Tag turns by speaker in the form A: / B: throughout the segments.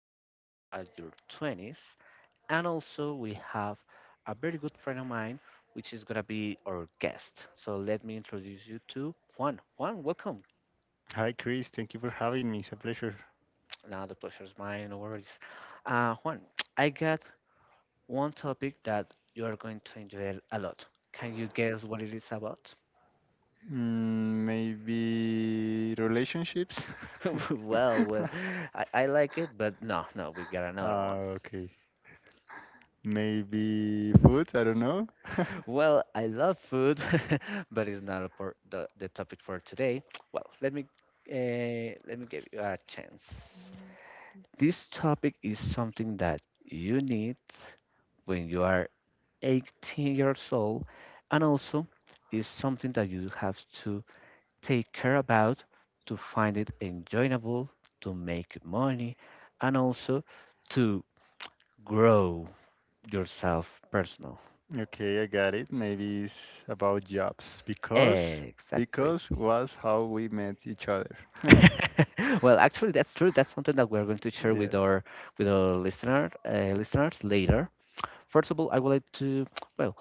A: find at your 20s, and also we have a very good friend of mine, which is gonna be our guest. So let me introduce you to Juan. Juan, welcome.
B: Hi, Chris. Thank you for having me. It's a pleasure.
A: Now the pleasure is mine, no worries. Juan, I got one topic that you are going to enjoy a lot. Can you guess what it is about?
B: Maybe relationships?
A: Well, I like it, but no, no, we got another one.
B: Okay. Maybe food? I don't know.
A: Well, I love food, but it's not for the topic for today. Well, let me give you a chance. This topic is something that you need when you are 18 years old, and also is something that you have to take care about to find it enjoyable, to make money, and also to grow yourself personal.
B: Okay, I got it. Maybe it's about jobs because
A: Exactly.
B: was how we met each other.
A: Well, actually, that's true. That's something that we're going to share
B: Yeah.
A: with our listeners later. First of all, I would like to well,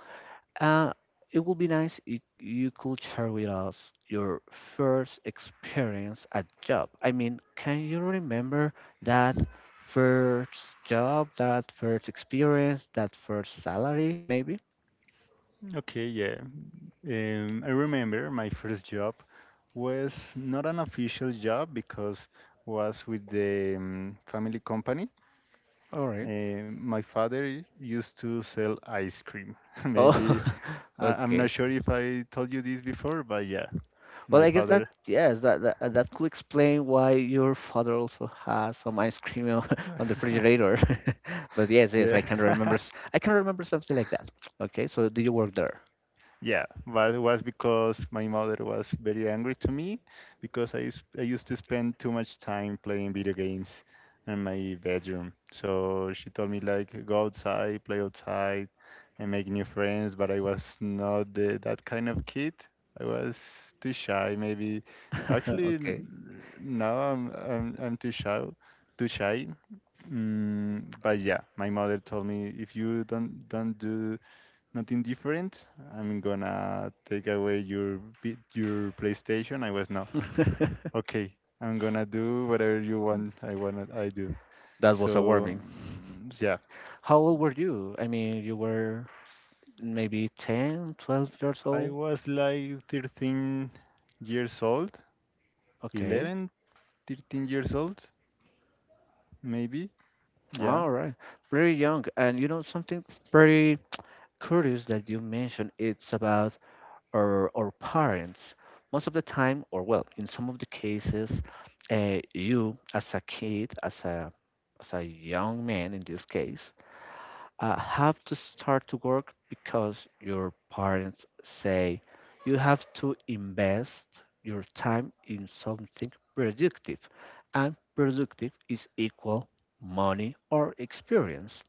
A: Uh, it would be nice if you could share with us your first experience at job. I mean, can you remember that first job, that first experience, that first salary, maybe?
B: Okay, yeah. I remember my first job was not an official job because was with the family company.
A: All right.
B: My father used to sell ice cream. Maybe
A: Oh,
B: I'm not
A: okay.
B: sure if I told you this before, but yeah,
A: Well,
B: my
A: I guess that
B: father.
A: yes, that could explain why your father also has some ice cream on on the refrigerator. But yes, yes, I
B: Yeah.
A: can remember. I can remember something like that. Okay, so did you work there?
B: Yeah, but it was because my mother was very angry to me because I used to spend too much time playing video games in my bedroom. So she told me like go outside, play outside, and make new friends. But I was not that kind of kid. I was too shy. Maybe actually
A: Okay.
B: now I'm too shy, too shy. But yeah, my mother told me if you don't do nothing different. I'm gonna take away your PlayStation. I was no. Okay, I'm gonna do whatever you want. I do.
A: That
B: So
A: was alarming.
B: yeah,
A: How old were you? I mean, you were maybe 10, 12 years
B: I
A: old.
B: was like 13 years old,
A: Okay.
B: 11, 13 years old, maybe. Yeah.
A: All right. Very young. And you know, something very curious that you mentioned, it's about our parents. Most of the time, or well, in some of the cases, you as a kid, as a young man in this case, have to start to work because your parents say you have to invest your time in something productive, and productive is equal money or experience.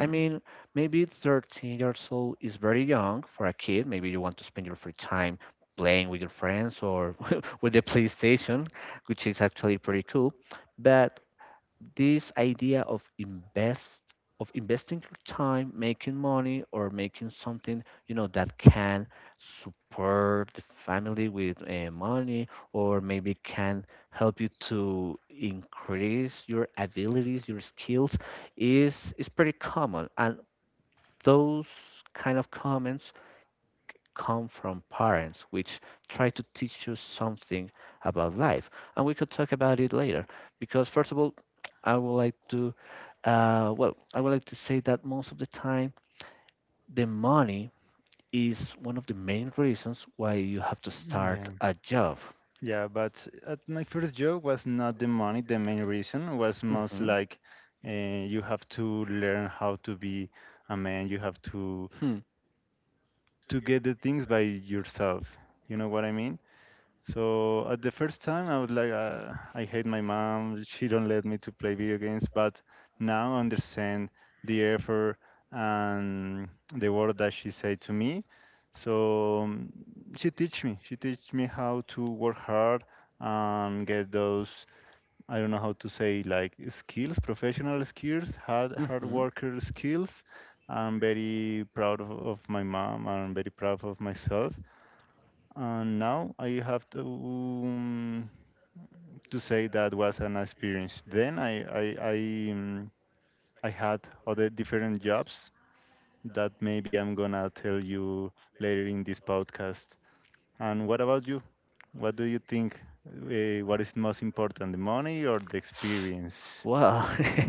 A: I mean, maybe 13 years old is very young for a kid. Maybe you want to spend your free time playing with your friends or with the PlayStation, which is actually pretty cool. But this idea of investing your time making money or making something you know that can support the family with money or maybe can help you to increase your abilities your skills is pretty common, and those kind of comments come from parents which try to teach you something about life. And we could talk about it later because, first of all, I would like to, well, I would like to say that most of the time, the money is one of the main reasons why you have to start
B: Yeah.
A: a job.
B: Yeah, but at my first job was not the money. The main reason was most
A: Hmm.
B: like uh, you have to learn how to be a man. You have to
A: Hmm.
B: to get the things by yourself. You know what I mean? So at the first time, I was like, I hate my mom. She don't let me to play video games. But now I understand the effort and the word that she said to me. So she teach me. She teach me how to work hard and get those I don't know how to say like skills, professional skills, hard hard
A: Hmm.
B: worker skills. I'm very proud of my mom. I'm very proud of myself. And now I have to say that was an experience. Then I I, um, I had other different jobs that maybe I'm gonna tell you later in this podcast. And what about you? What do you think? What is most important, the money or the experience?
A: Well,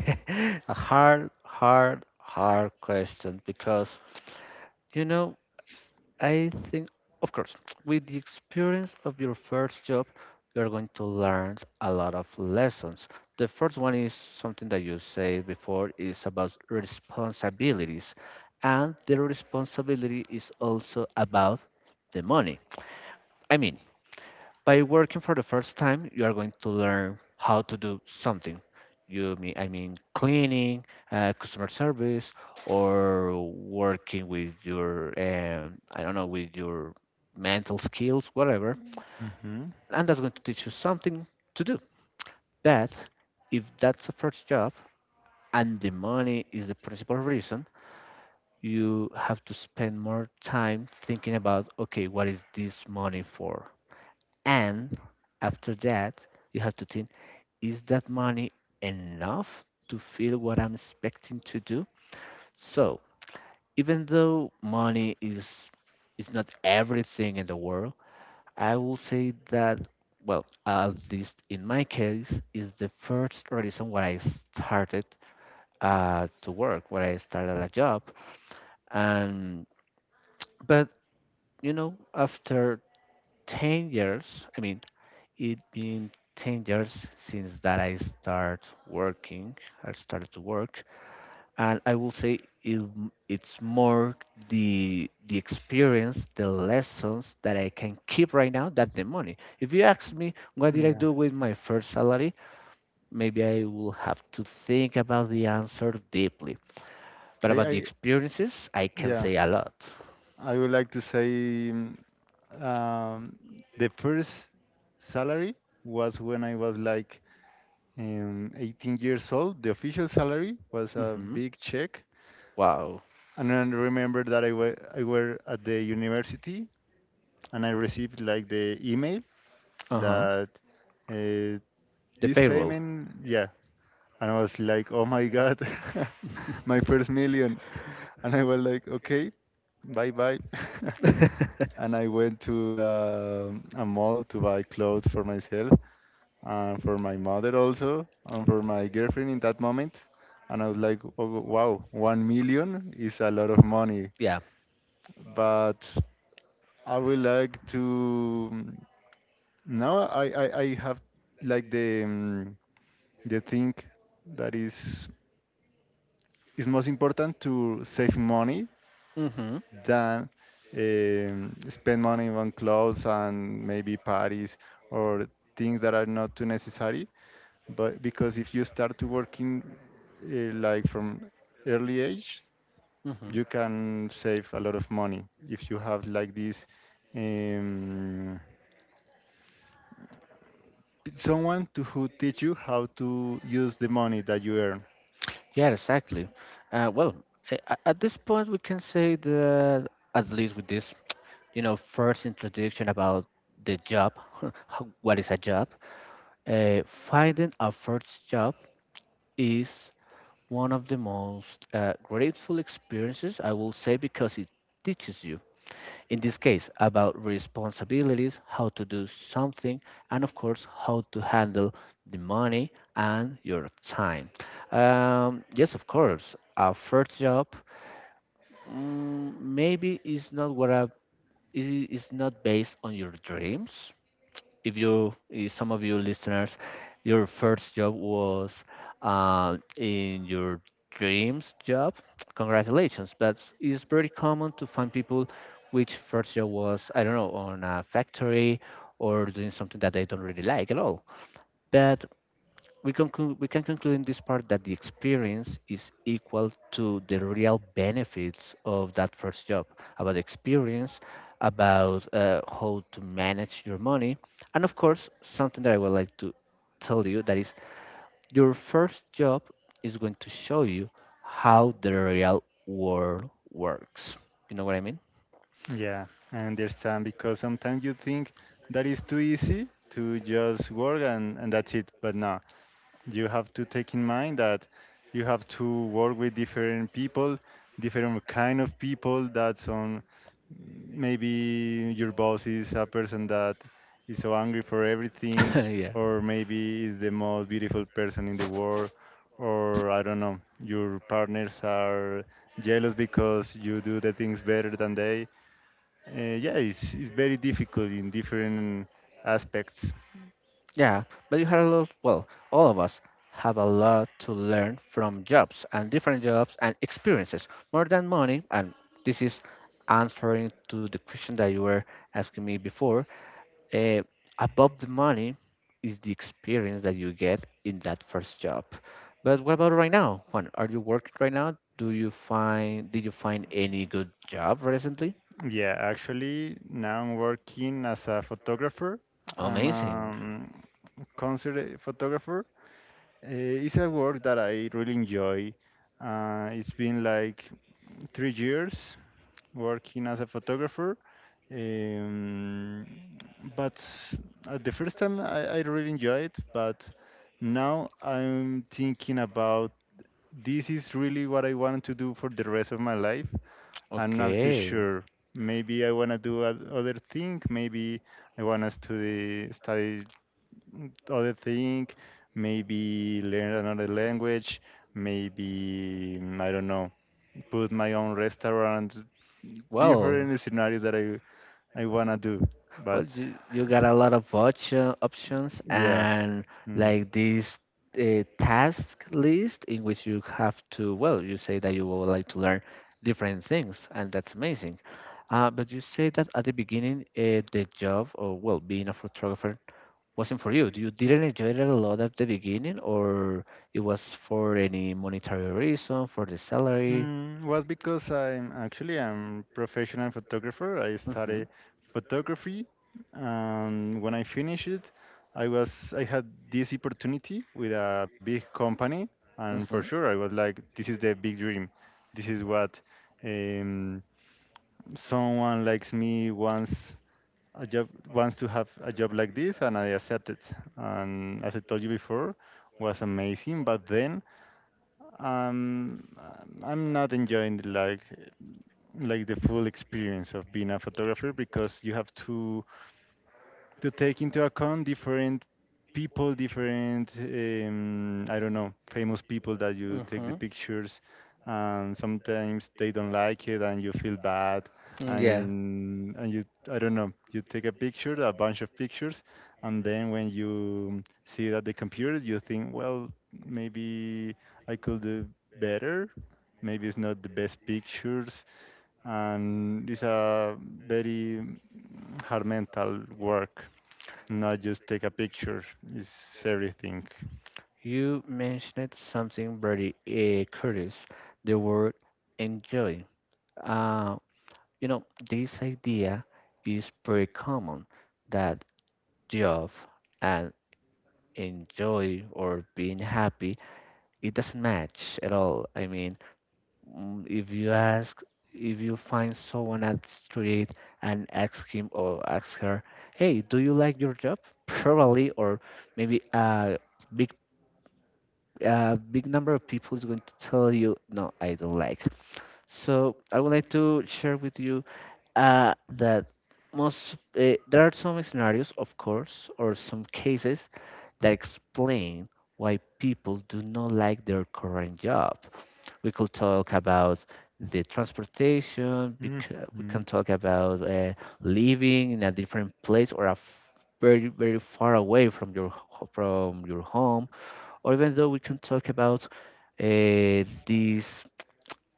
A: a hard, hard, hard question because, you know, I think, of course, with the experience of your first job, you're going to learn a lot of lessons. The first one is something that you said before is about responsibilities, and the responsibility is also about the money. I mean, by working for the first time, you are going to learn how to do something. You mean I mean cleaning, customer service, or working with your I don't know, with your mental skills, whatever.
B: Hmm.
A: And that's going to teach you something to do. But if that's the first job and the money is the principal reason, you have to spend more time thinking about, okay, what is this money for? And after that, you have to think, is that money enough to feel what I'm expecting to do? So, even though money is not everything in the world, I will say that, well, at least in my case, is the first reason why I started to work, why I started a job, and but you know, after 10 years, I mean, it been 10 years since that I start working, I started to work, and I will say it, it's more the experience, the lessons that I can keep right now than the money. If you ask me what did I
B: Yeah,
A: do with my first salary, maybe I will have to think about the answer deeply. But
B: I,
A: about the
B: I,
A: experiences, I can
B: yeah,
A: say a lot.
B: I would like to say mm, um, the first salary was when I was like 18 years old. The official salary was a
A: Hmm.
B: big check,
A: Wow.
B: and I remember that I were at the university, and I received like the email
A: Uh huh.
B: that uh,
A: The
B: this
A: payroll.
B: payment, yeah, and I was like, oh my God. My first million, and I was like, okay, bye bye. And I went to a mall to buy clothes for myself and for my mother also and for my girlfriend in that moment. And I was like, oh, wow, 1 million is a lot of money.
A: Yeah.
B: But I would like to now I have like the thing that is most important to save money
A: Mm-hmm.
B: than spend money on clothes and maybe parties or things that are not too necessary. But because if you start to working like from early age, you can save a lot of money if you have like this um, someone to who teach you how to use the money that you earn.
A: Yeah, exactly. Well, at this point, we can say that at least with this, you know, first introduction about the job, what is a job? Finding a first job is one of the most grateful experiences, I will say, because it teaches you in this case about responsibilities, how to do something, and of course, how to handle the money and your time. Yes, of course, a first job maybe is not what is not based on your dreams. If you, if some of you listeners, your first job was in your dreams job, congratulations, but it's pretty common to find people which first job was, I don't know, on a factory or doing something that they don't really like at all. But we can we can conclude in this part that the experience is equal to the real benefits of that first job. About experience, about how to manage your money, and of course something that I would like to tell you that is, your first job is going to show you how the real world works, you know what I mean?
B: Yeah, I understand because sometimes you think that is too easy to just work and that's it, but no, you have to take in mind that you have to work with different people, different kind of people. That's on, maybe your boss is a person that is so angry for everything,
A: Yeah.
B: or maybe is the most beautiful person in the world, or I don't know, your partners are jealous because you do the things better than they. uh, yeah, it's very difficult in different aspects.
A: Yeah, but you had a lot, well, all of us have a lot to learn from jobs and different jobs and experiences more than money. And this is answering to the question that you were asking me before. Uh, above the money is the experience that you get in that first job. But what about right now, Juan? Are you working right now? Do you find, did you find any good job recently?
B: Yeah, actually, now I'm working as a photographer. I'm a
A: Amazing.
B: concert photographer. It's a work that I really enjoy. It's been like 3 years working as a photographer. Um, but at the first time, I really enjoyed it. But now I'm thinking about this is really what I want to do for the rest of my life. I'm not too
A: Okay.
B: sure. Maybe I wanna do other thing. Maybe I wanna study other thing. Maybe learn another language. Maybe I don't know. Put my own restaurant.
A: Well,
B: Different scenarios that I wanna do.
A: Well,
B: But
A: you got a lot of options,
B: yeah.
A: and
B: Mm.
A: like this task list in which you have to, well, you say that you would like to learn different things, and that's amazing. But you say that at the beginning, the job, or, well, being a photographer wasn't for you. You didn't enjoy it a lot at the beginning, or it was for any monetary reason, for the salary?
B: Was because I'm actually I'm professional photographer. I
A: Mm-hmm,
B: study photography, and when I finished it, I had this opportunity with a big company, and for
A: mm-hmm.
B: sure I was like, this is the big dream. This is what um, someone likes me a job wants to have a job like this, and I accepted. And as I told you before, was amazing, but then um, I'm not enjoying the like the full experience of being a photographer because you have to take into account different people, different I don't know, famous people that you take the
A: Mm-hmm.
B: pictures, and sometimes they don't like it and you feel bad,
A: Yeah,
B: and you I don't know, you take a bunch of pictures and then when you see it at the computer you think, well, maybe I could do better, maybe it's not the best pictures, and it's a very hard mental work. Not just take a picture; it's everything.
A: you mentioned something very curious, the word enjoy. Uh, you know, this idea is pretty common that job and enjoy or being happy, it doesn't match at all. I mean, if you ask, if you find someone at street and ask him or ask her, "Hey, do you like your job?" Probably, or maybe big, a big number of people is going to tell you, "No, I don't like." So I would like to share with you that most there are some scenarios, of course, or some cases that explain why people do not like their current job. We could talk about the transportation. Because we
B: Mhm.
A: can talk about living in a different place or a very very far away from from your home. Or even though we can talk about these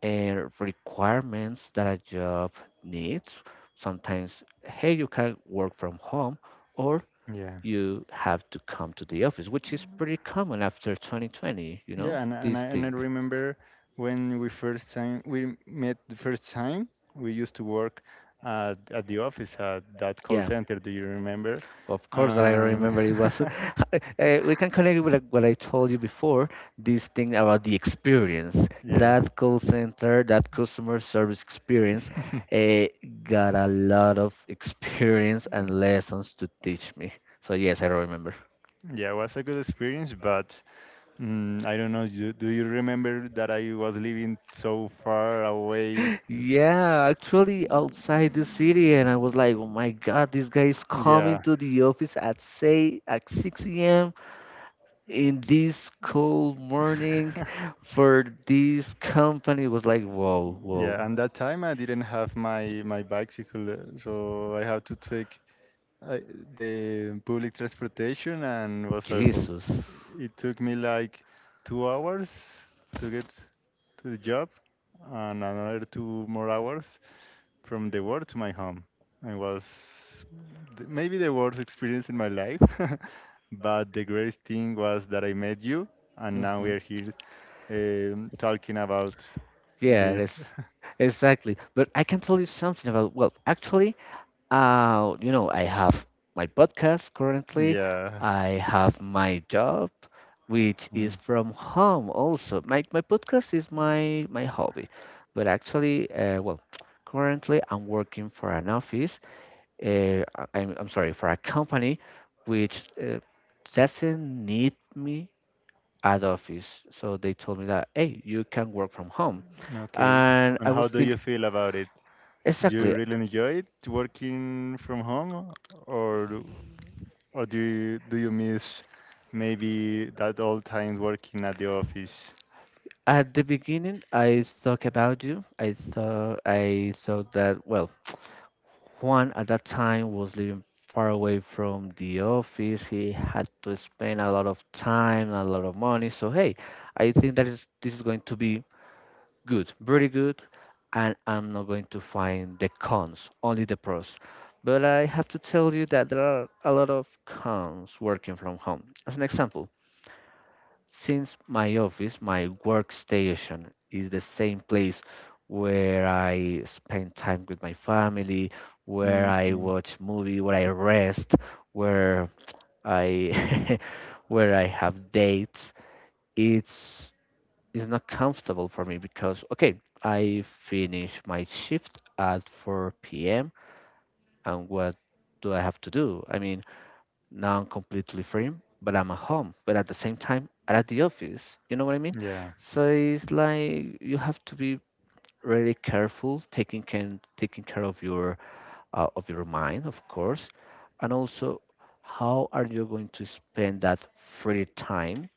A: requirements that a job needs. Sometimes, hey, you can work from home, or
B: Yeah,
A: you have to come to the office, which is pretty common after 2020, you know,
B: yeah, and and
A: this
B: I and I
A: thing.
B: remember when we first time we met the first time we used to work at the office at that call
A: Yeah,
B: center. Do you remember?
A: of course that I
B: Um,
A: remember it was. We can connect with, like, what I told you before. This thing about the experience,
B: yeah,
A: that call center, that customer service experience, uh, got a lot of experience and lessons to teach me. So yes, I remember.
B: yeah, it was a good experience, but I don't know. Do you remember that I was living so far away?
A: Yeah, actually outside the city, and I was like, oh my God, this guy is coming
B: Yeah.
A: to the office at, say, at 6 a.m. in this cold morning for this company. It was like, whoa,
B: Yeah,
A: whoa.
B: and that time I didn't have my bicycle, so I had to take uh, the public transportation and was awful.
A: Jesus.
B: It took me like 2 hours to get to the job and another 2 more hours from the work to my home. It was maybe the worst experience in my life, but the greatest thing was that I met you and now we
A: Hmm.
B: are here talking about
A: Yeah,
B: this.
A: that's exactly. But I can tell you something about, well, actually, you know, I have my podcast currently,
B: Yeah.
A: I have my job, which is
B: Mm,
A: from home. Also, my podcast is my hobby. But actually, well, currently I'm working for an office, uh, I- I'm sorry, for a company which doesn't need me at office. So they told me that, hey, you can work from home.
B: okay.
A: And
B: And
A: I
B: how
A: was
B: do you
A: thinking,
B: feel about it? Do you
A: exactly.
B: really enjoy it working from home, or or do you miss maybe that old times working at the office?
A: At the beginning, I thought about you. I thought that, well, Juan at that time was living far away from the office. He had to spend a lot of time, a lot of money. So hey, I think that is this is going to be good, very good, and I'm not going to find the cons, only the pros. But I have to tell you that there are a lot of cons working from home. As an example, since my office, my workstation, is the same place where I spend time with my family, where I
B: Hmm.
A: watch movie, where I rest, where I where I have dates, it's it's not comfortable for me because okay, I finish my shift at 4 p.m. And what do I have to do? I mean, now I'm completely free, but I'm at home, but at the same time I'm at the office. You know what I mean?
B: Yeah.
A: So it's like you have to be really careful taking care of your mind, of course, and also how are you going to spend that free time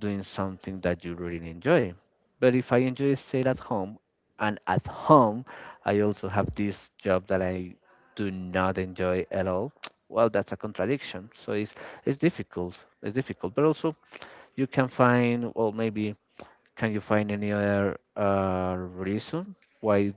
A: doing something that you really enjoy. But if I enjoy staying at home, and at home, I also have this job that I do not enjoy at all. Well, that's a contradiction. So it's difficult. It's difficult. But also, you can find, well, maybe can you find any other reason why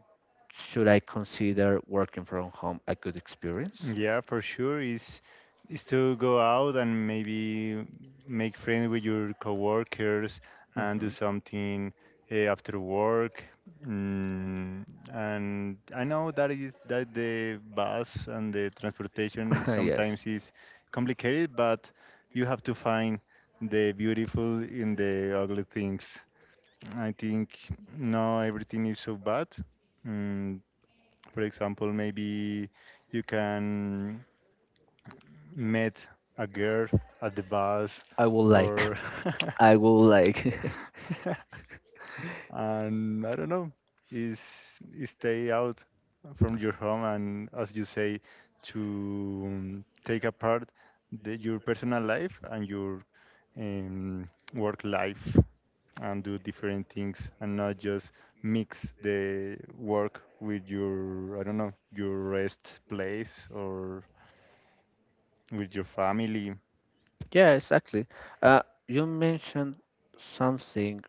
A: should I consider working from home a good experience?
B: Yeah, for sure. Is to go out and maybe make friends with your coworkers and do
A: Hmm.
B: something after work. Mm, and I know that is that the bus and the transportation
A: Yes,
B: sometimes is complicated, but you have to find the beautiful in the ugly things. I think no, everything is so bad. Mm, for example, maybe you can met a girl at the bus
A: I will like.
B: or
A: I will like.
B: and I don't know, is is stay out from your home and as you say to take apart your personal life and your work life and do different things and not just mix the work with your I don't know your rest place or with your family.
A: Yeah, exactly. Uh, you mentioned something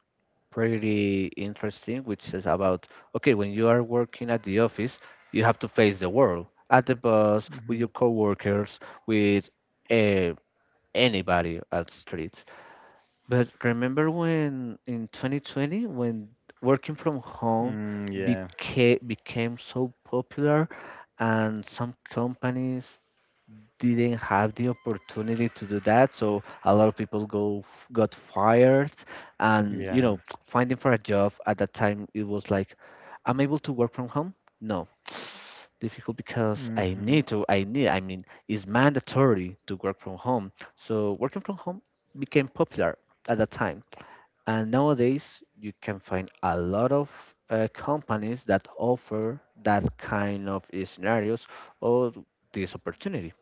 A: pretty interesting, which is about okay, when you are working at the office, you have to face the world at the bus, with
B: Mhm.
A: your coworkers, with uh, anybody at street. But remember when in 2020, when working from home
B: Mm, yeah.
A: became so popular, and some companies didn't have the opportunity to do that so a lot of people go got fired and you
B: Yeah.
A: know, finding for a job at that time it was like I'm able to work from home. No. Difficult because I
B: Hmm.
A: need to I need, I mean, it's mandatory to work from home, so working from home became popular at that time, and nowadays you can find a lot of companies that offer that kind of scenarios or this opportunity.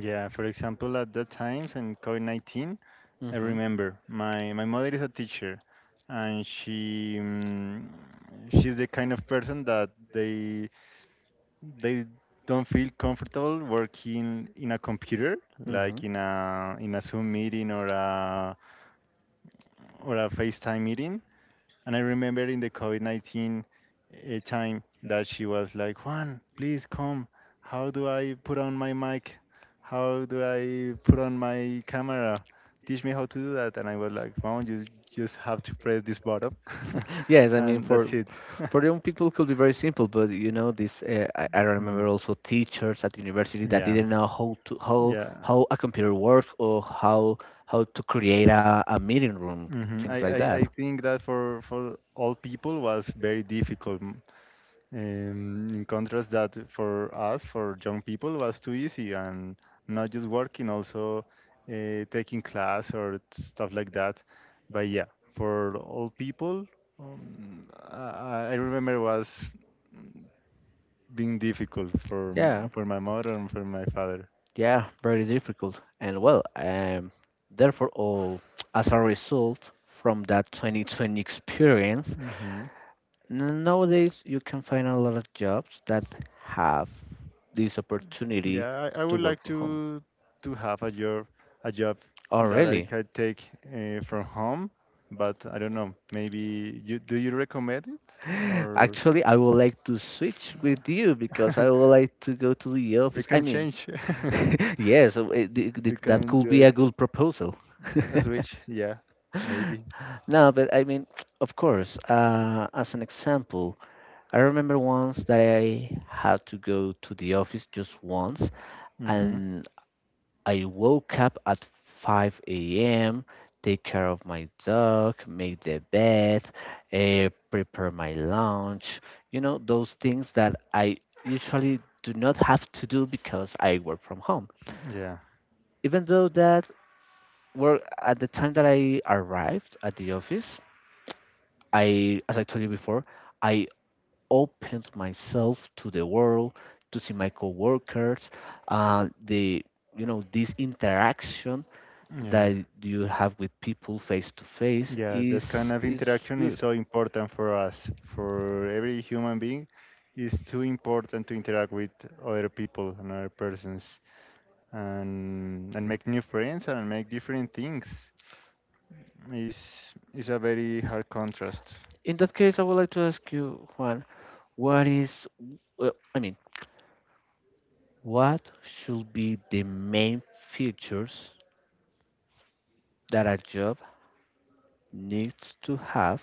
B: Yeah. For example, at that times in COVID 19, I
A: Mhm.
B: remember my mother is a teacher, and she's the kind of person that they don't feel comfortable working in a computer,
A: Hmm.
B: like in a Zoom meeting or a FaceTime meeting. And I remember in the COVID 19 time that she was like, Juan, please come. How do I put on my mic? How do I put on my camera? Teach me how to do that. And I was like, Juan, you just have to press this button,
A: Yes, I mean,
B: and that's it.
A: for young people it could be very simple, but you know this. I
B: Mm,
A: remember also teachers at university that
B: yeah,
A: didn't know how to how
B: yeah.
A: how a computer works or how to create a meeting room,
B: Hmm. I,
A: things like
B: I,
A: that.
B: I think that for all people was very difficult. In contrast, that for us, for young people, was too easy and not just working, also taking class or stuff like that. But yeah, for old people, I remember was being difficult for m-
A: Yeah,
B: for my mother and for my father.
A: yeah, very difficult. And well, therefore, all as a result from that 2020 experience,
B: Hmm.
A: Nowadays, you can find a lot of jobs that have this opportunity
B: Yeah, I
A: to
B: would
A: work
B: like
A: from home.
B: to have a job
A: Oh,
B: that I
A: really?
B: could take from home, but I don't know. Maybe you do you recommend it, or?
A: Actually, I would like to switch with you because I would like to go to the
B: We
A: office. I
B: can
A: mean,
B: change.
A: yes,
B: We
A: that
B: can
A: could
B: do
A: be
B: it,
A: a good proposal.
B: a switch. Yeah, maybe.
A: No, but I mean, of course, as an example, I remember once that I had to go to the office just once,
B: Hmm.
A: and I woke up at 5 a.m., take care of my dog, make the bed, prepare my lunch. You know, those things that I usually do not have to do because I work from home.
B: Yeah,
A: Even though that work at the time that I arrived at the office, I, as I told you before, I opened myself to the world, to see my coworkers, the you know this interaction
B: yeah,
A: that you have with people face to face
B: yeah. This kind
A: is
B: of
A: is
B: interaction is
A: good.
B: so important for us, for every human being. It's too important to interact with other people and other persons, and make new friends and make different things. Is is a very hard contrast.
A: In that case, I would like to ask you, Juan, what is, well, I mean, what should be the main features that a job needs to have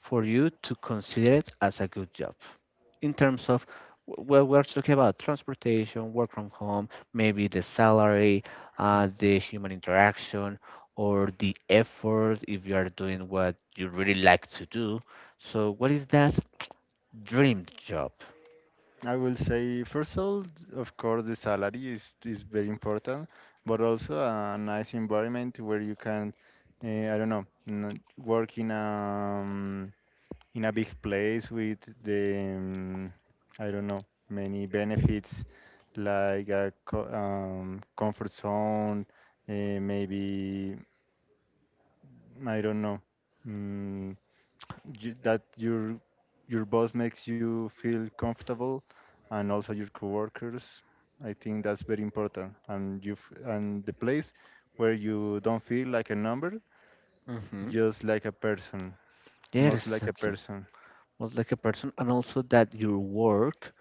A: for you to consider it as a good job? In terms of, well, we're talking about transportation, work from home, maybe the salary,
B: Hmm.
A: the human interaction, or the effort if you are doing what you really like to do. So, what is that dream job?
B: I will say, first of all, of course, the salary is, very important, but also a nice environment where you can, I don't know, work in a big place with I don't know, many benefits like a co comfort zone, uh, maybe I don't know, mm, that your boss makes you feel comfortable and also your coworkers. I think that's very important and the place where you don't feel like a number,
A: Mm-hmm.
B: just like a person,
A: Yeah,
B: most like a
A: exactly.
B: person.
A: Most like a person, and also that your work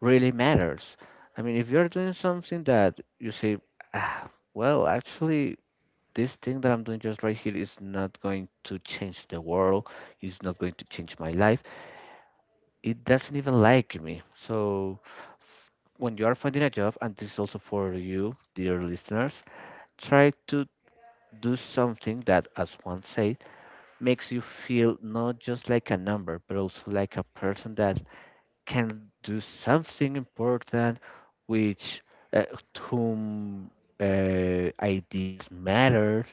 A: really matters. I mean, if you're doing something that you say, ah, well, actually, this thing that I'm doing just right here is not going to change the world, it's not going to change my life. It doesn't even like me. So when you are finding a job, and this is also for you, dear listeners, try to do something that, as one said, makes you feel not just like a number, but also like a person that can do something important, which uh, to whom ideas matters.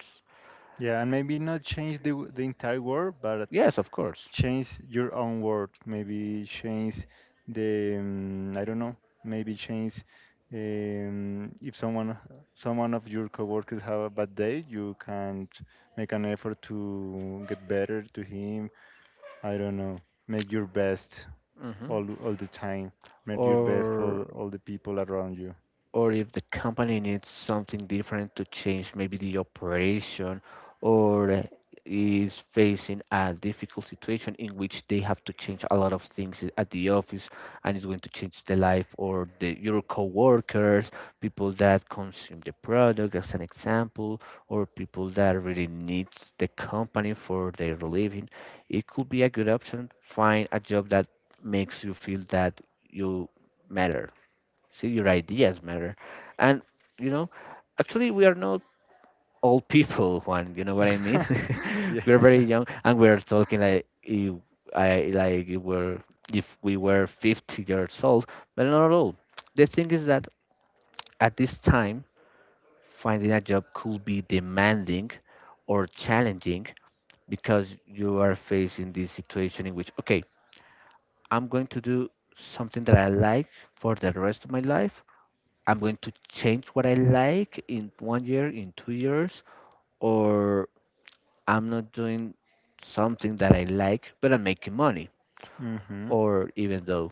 B: Yeah, and maybe not change the entire world, but
A: Yes, of course.
B: change your own word, maybe change the I don't know, maybe change if someone of your coworkers have a bad day, you can make an effort to get better to him, I don't know, make your best
A: Hmm.
B: all the time, make your best for
A: Or
B: all the people around you.
A: or if the company needs something different to change maybe the operation or is facing a difficult situation in which they have to change a lot of things at the office, and it's going to change the life or the your coworkers, people that consume the product as an example, or people that really needs the company for their living. It could be a good option, find a job that makes you feel that you matter, so your ideas matter. And, you know, actually, we are not old people, Juan. You know what I mean?
B: Yeah.
A: We're very young and we're talking like if I like if we're if we were 50 years old, but not at all. The thing is that at this time, finding a job could be demanding or challenging because you are facing this situation in which, okay, I'm going to do something that I like for the rest of my life. I'm going to change what I like in 1 year, in 2 years, or I'm not doing something that I like, but I'm making money.
B: Mhm.
A: Or even though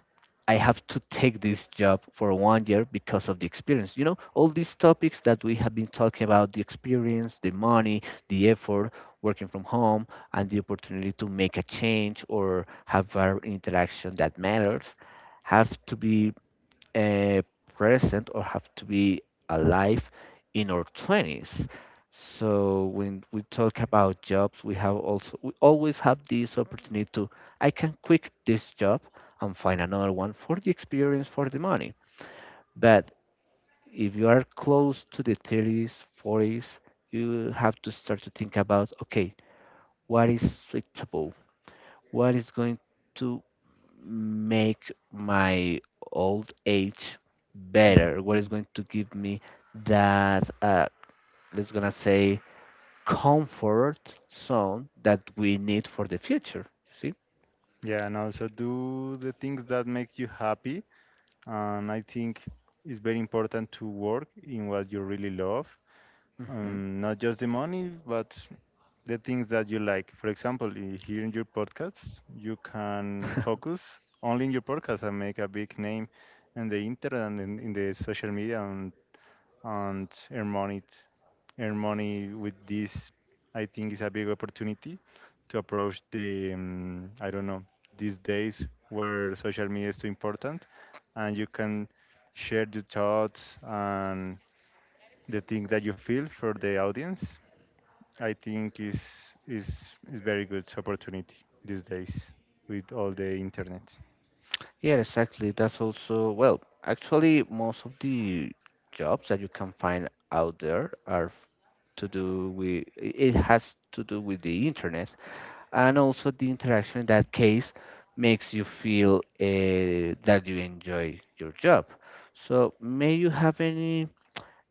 A: I have to take this job for 1 year because of the experience. You know, all these topics that we have been talking about, the experience, the money, the effort, working from home, and the opportunity to make a change or have an interaction that matters have to be uh, present or have to be alive in our 20s. So when we talk about jobs, we always have this opportunity to I can quit this job and find another one for the experience, for the money. But if you are close to the 30s, 40s, you have to start to think about okay, what is suitable? What is going to make my old age better, what is
B: Mhm.
A: going to give me that let's gonna say comfort zone that we need for the future. You
B: Yeah, and also do the things that make you happy. And I think it's very important to work in what you really love,
A: see? Hmm.
B: not just the money, but the things that you like. For example, here in your podcast, you can focus only in your podcast and make a big name in the internet and in the social media, and earn money with this. I think is a big opportunity to approach the I don't know, these days where social media is too important, and you can share your thoughts and the things that you feel for the audience. I think is very good opportunity these days with all the internet.
A: Yeah, exactly, that's also, well, actually, most of the jobs that you can find out there are f- to do with I- it has to do with the internet, and also the interaction in that case makes you feel that you enjoy your job. So may you have any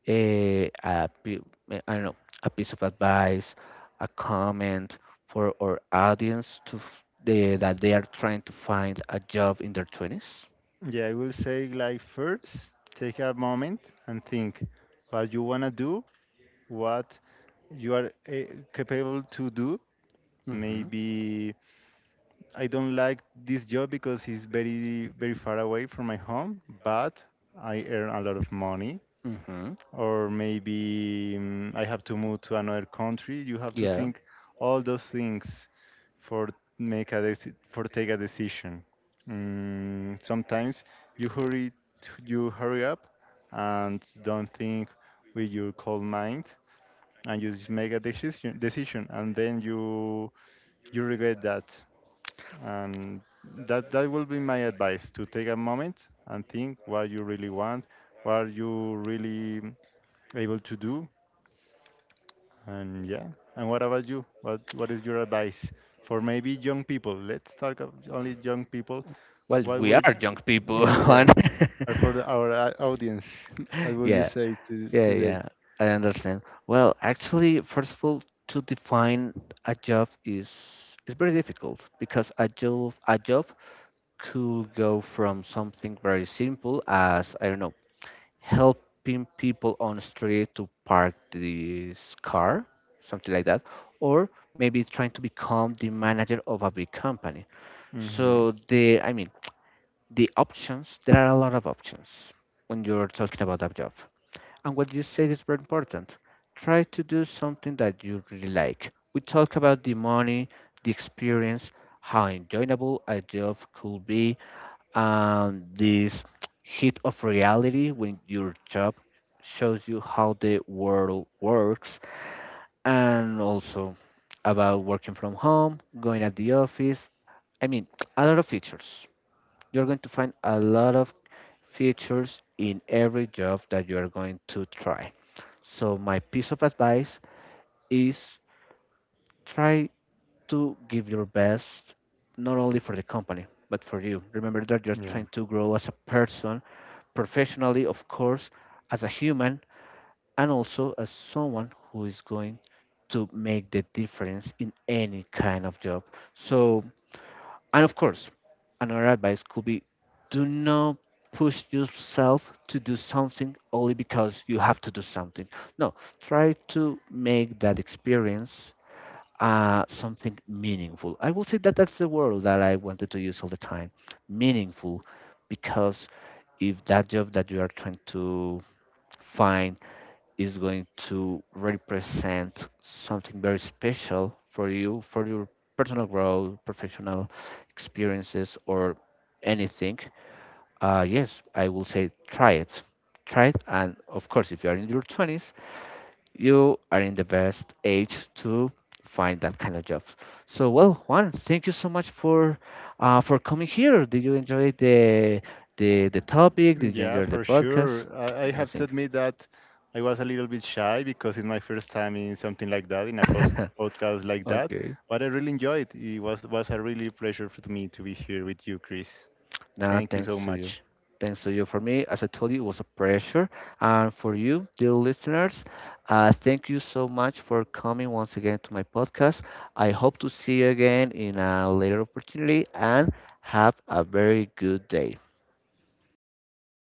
A: uh, a, pi- I don't know, a piece of advice, a comment for our audience to that they are trying to find a job in their 20s?
B: Yeah, I will say, like, first take a moment and think what you want to do, what you are capable to do.
A: Mm-hmm.
B: Maybe I don't like this job because it's very, very far away from my home, but I earn a lot of money.
A: Mm-hmm.
B: Or maybe I have to move to another country. You have to
A: Yeah.
B: think all those things for for take a decision. Sometimes you hurry, you hurry up and don't think with your cold mind, and you just make a decision and then you regret that, and that will be my advice: to take a moment and think what you really want, what you really able to do. And yeah, and what about you? What is your advice for maybe young people? Let's talk of only young people.
A: Well,
B: What
A: we
B: will
A: are
B: yeah,
A: young people, Juan.
B: yeah, or for our audience, what will you
A: Yeah,
B: say to
A: yeah, yeah.
B: today?
A: I understand. Well, actually, first of all, to define a job is very difficult because a job could go from something very simple as I don't know, helping people on the street to park this car, something like that, or maybe trying to become the manager of a big company.
B: Hmm.
A: So the I mean the options there are a lot of options when you're talking about a job. And what you said is very important. Try to do something that you really like. We talk about the money, the experience, how enjoyable a job could be, and this hit of reality when your job shows you how the world works, and also about working from home, going at the office. I mean, a lot of features. You're going to find a lot of features in every job that you are going to try. So, my piece of advice is try to give your best not only for the company, but for you. Remember that you're trying to grow as a person, professionally, of course, as a human, and also as someone who is going to make the difference in any kind of job. So, and of course, another advice could be do not push yourself to do something only because you have to do something. No, try to make that experience something meaningful. I will say that that's the word that I wanted to use all the time, meaningful, because if that job that you are trying to find is going to represent something very special for you, for your personal growth, professional experiences, or anything, yes, I will say try it. Try it. And of course, if you are in your 20s, you are in the best age to find that kind of job. So, well, Juan, thank you so much for coming here. Did you enjoy the topic? Did you
B: Yeah,
A: enjoy the
B: for
A: podcast?
B: sure. I have to
A: Amazing.
B: admit that I was a little bit shy because it's my first time in something like that, in a post podcast like that.
A: Okay.
B: But I really enjoyed it. It was a really pleasure for me to be here with you, Chris.
A: Nah,
B: Thank you
A: thanks
B: so
A: to you.
B: much.
A: Thanks to you. For me, as I told you, it was a pleasure. And for you, dear listeners, thank you so much for coming once again to my podcast. I hope to see you again in a later opportunity and have a very good day.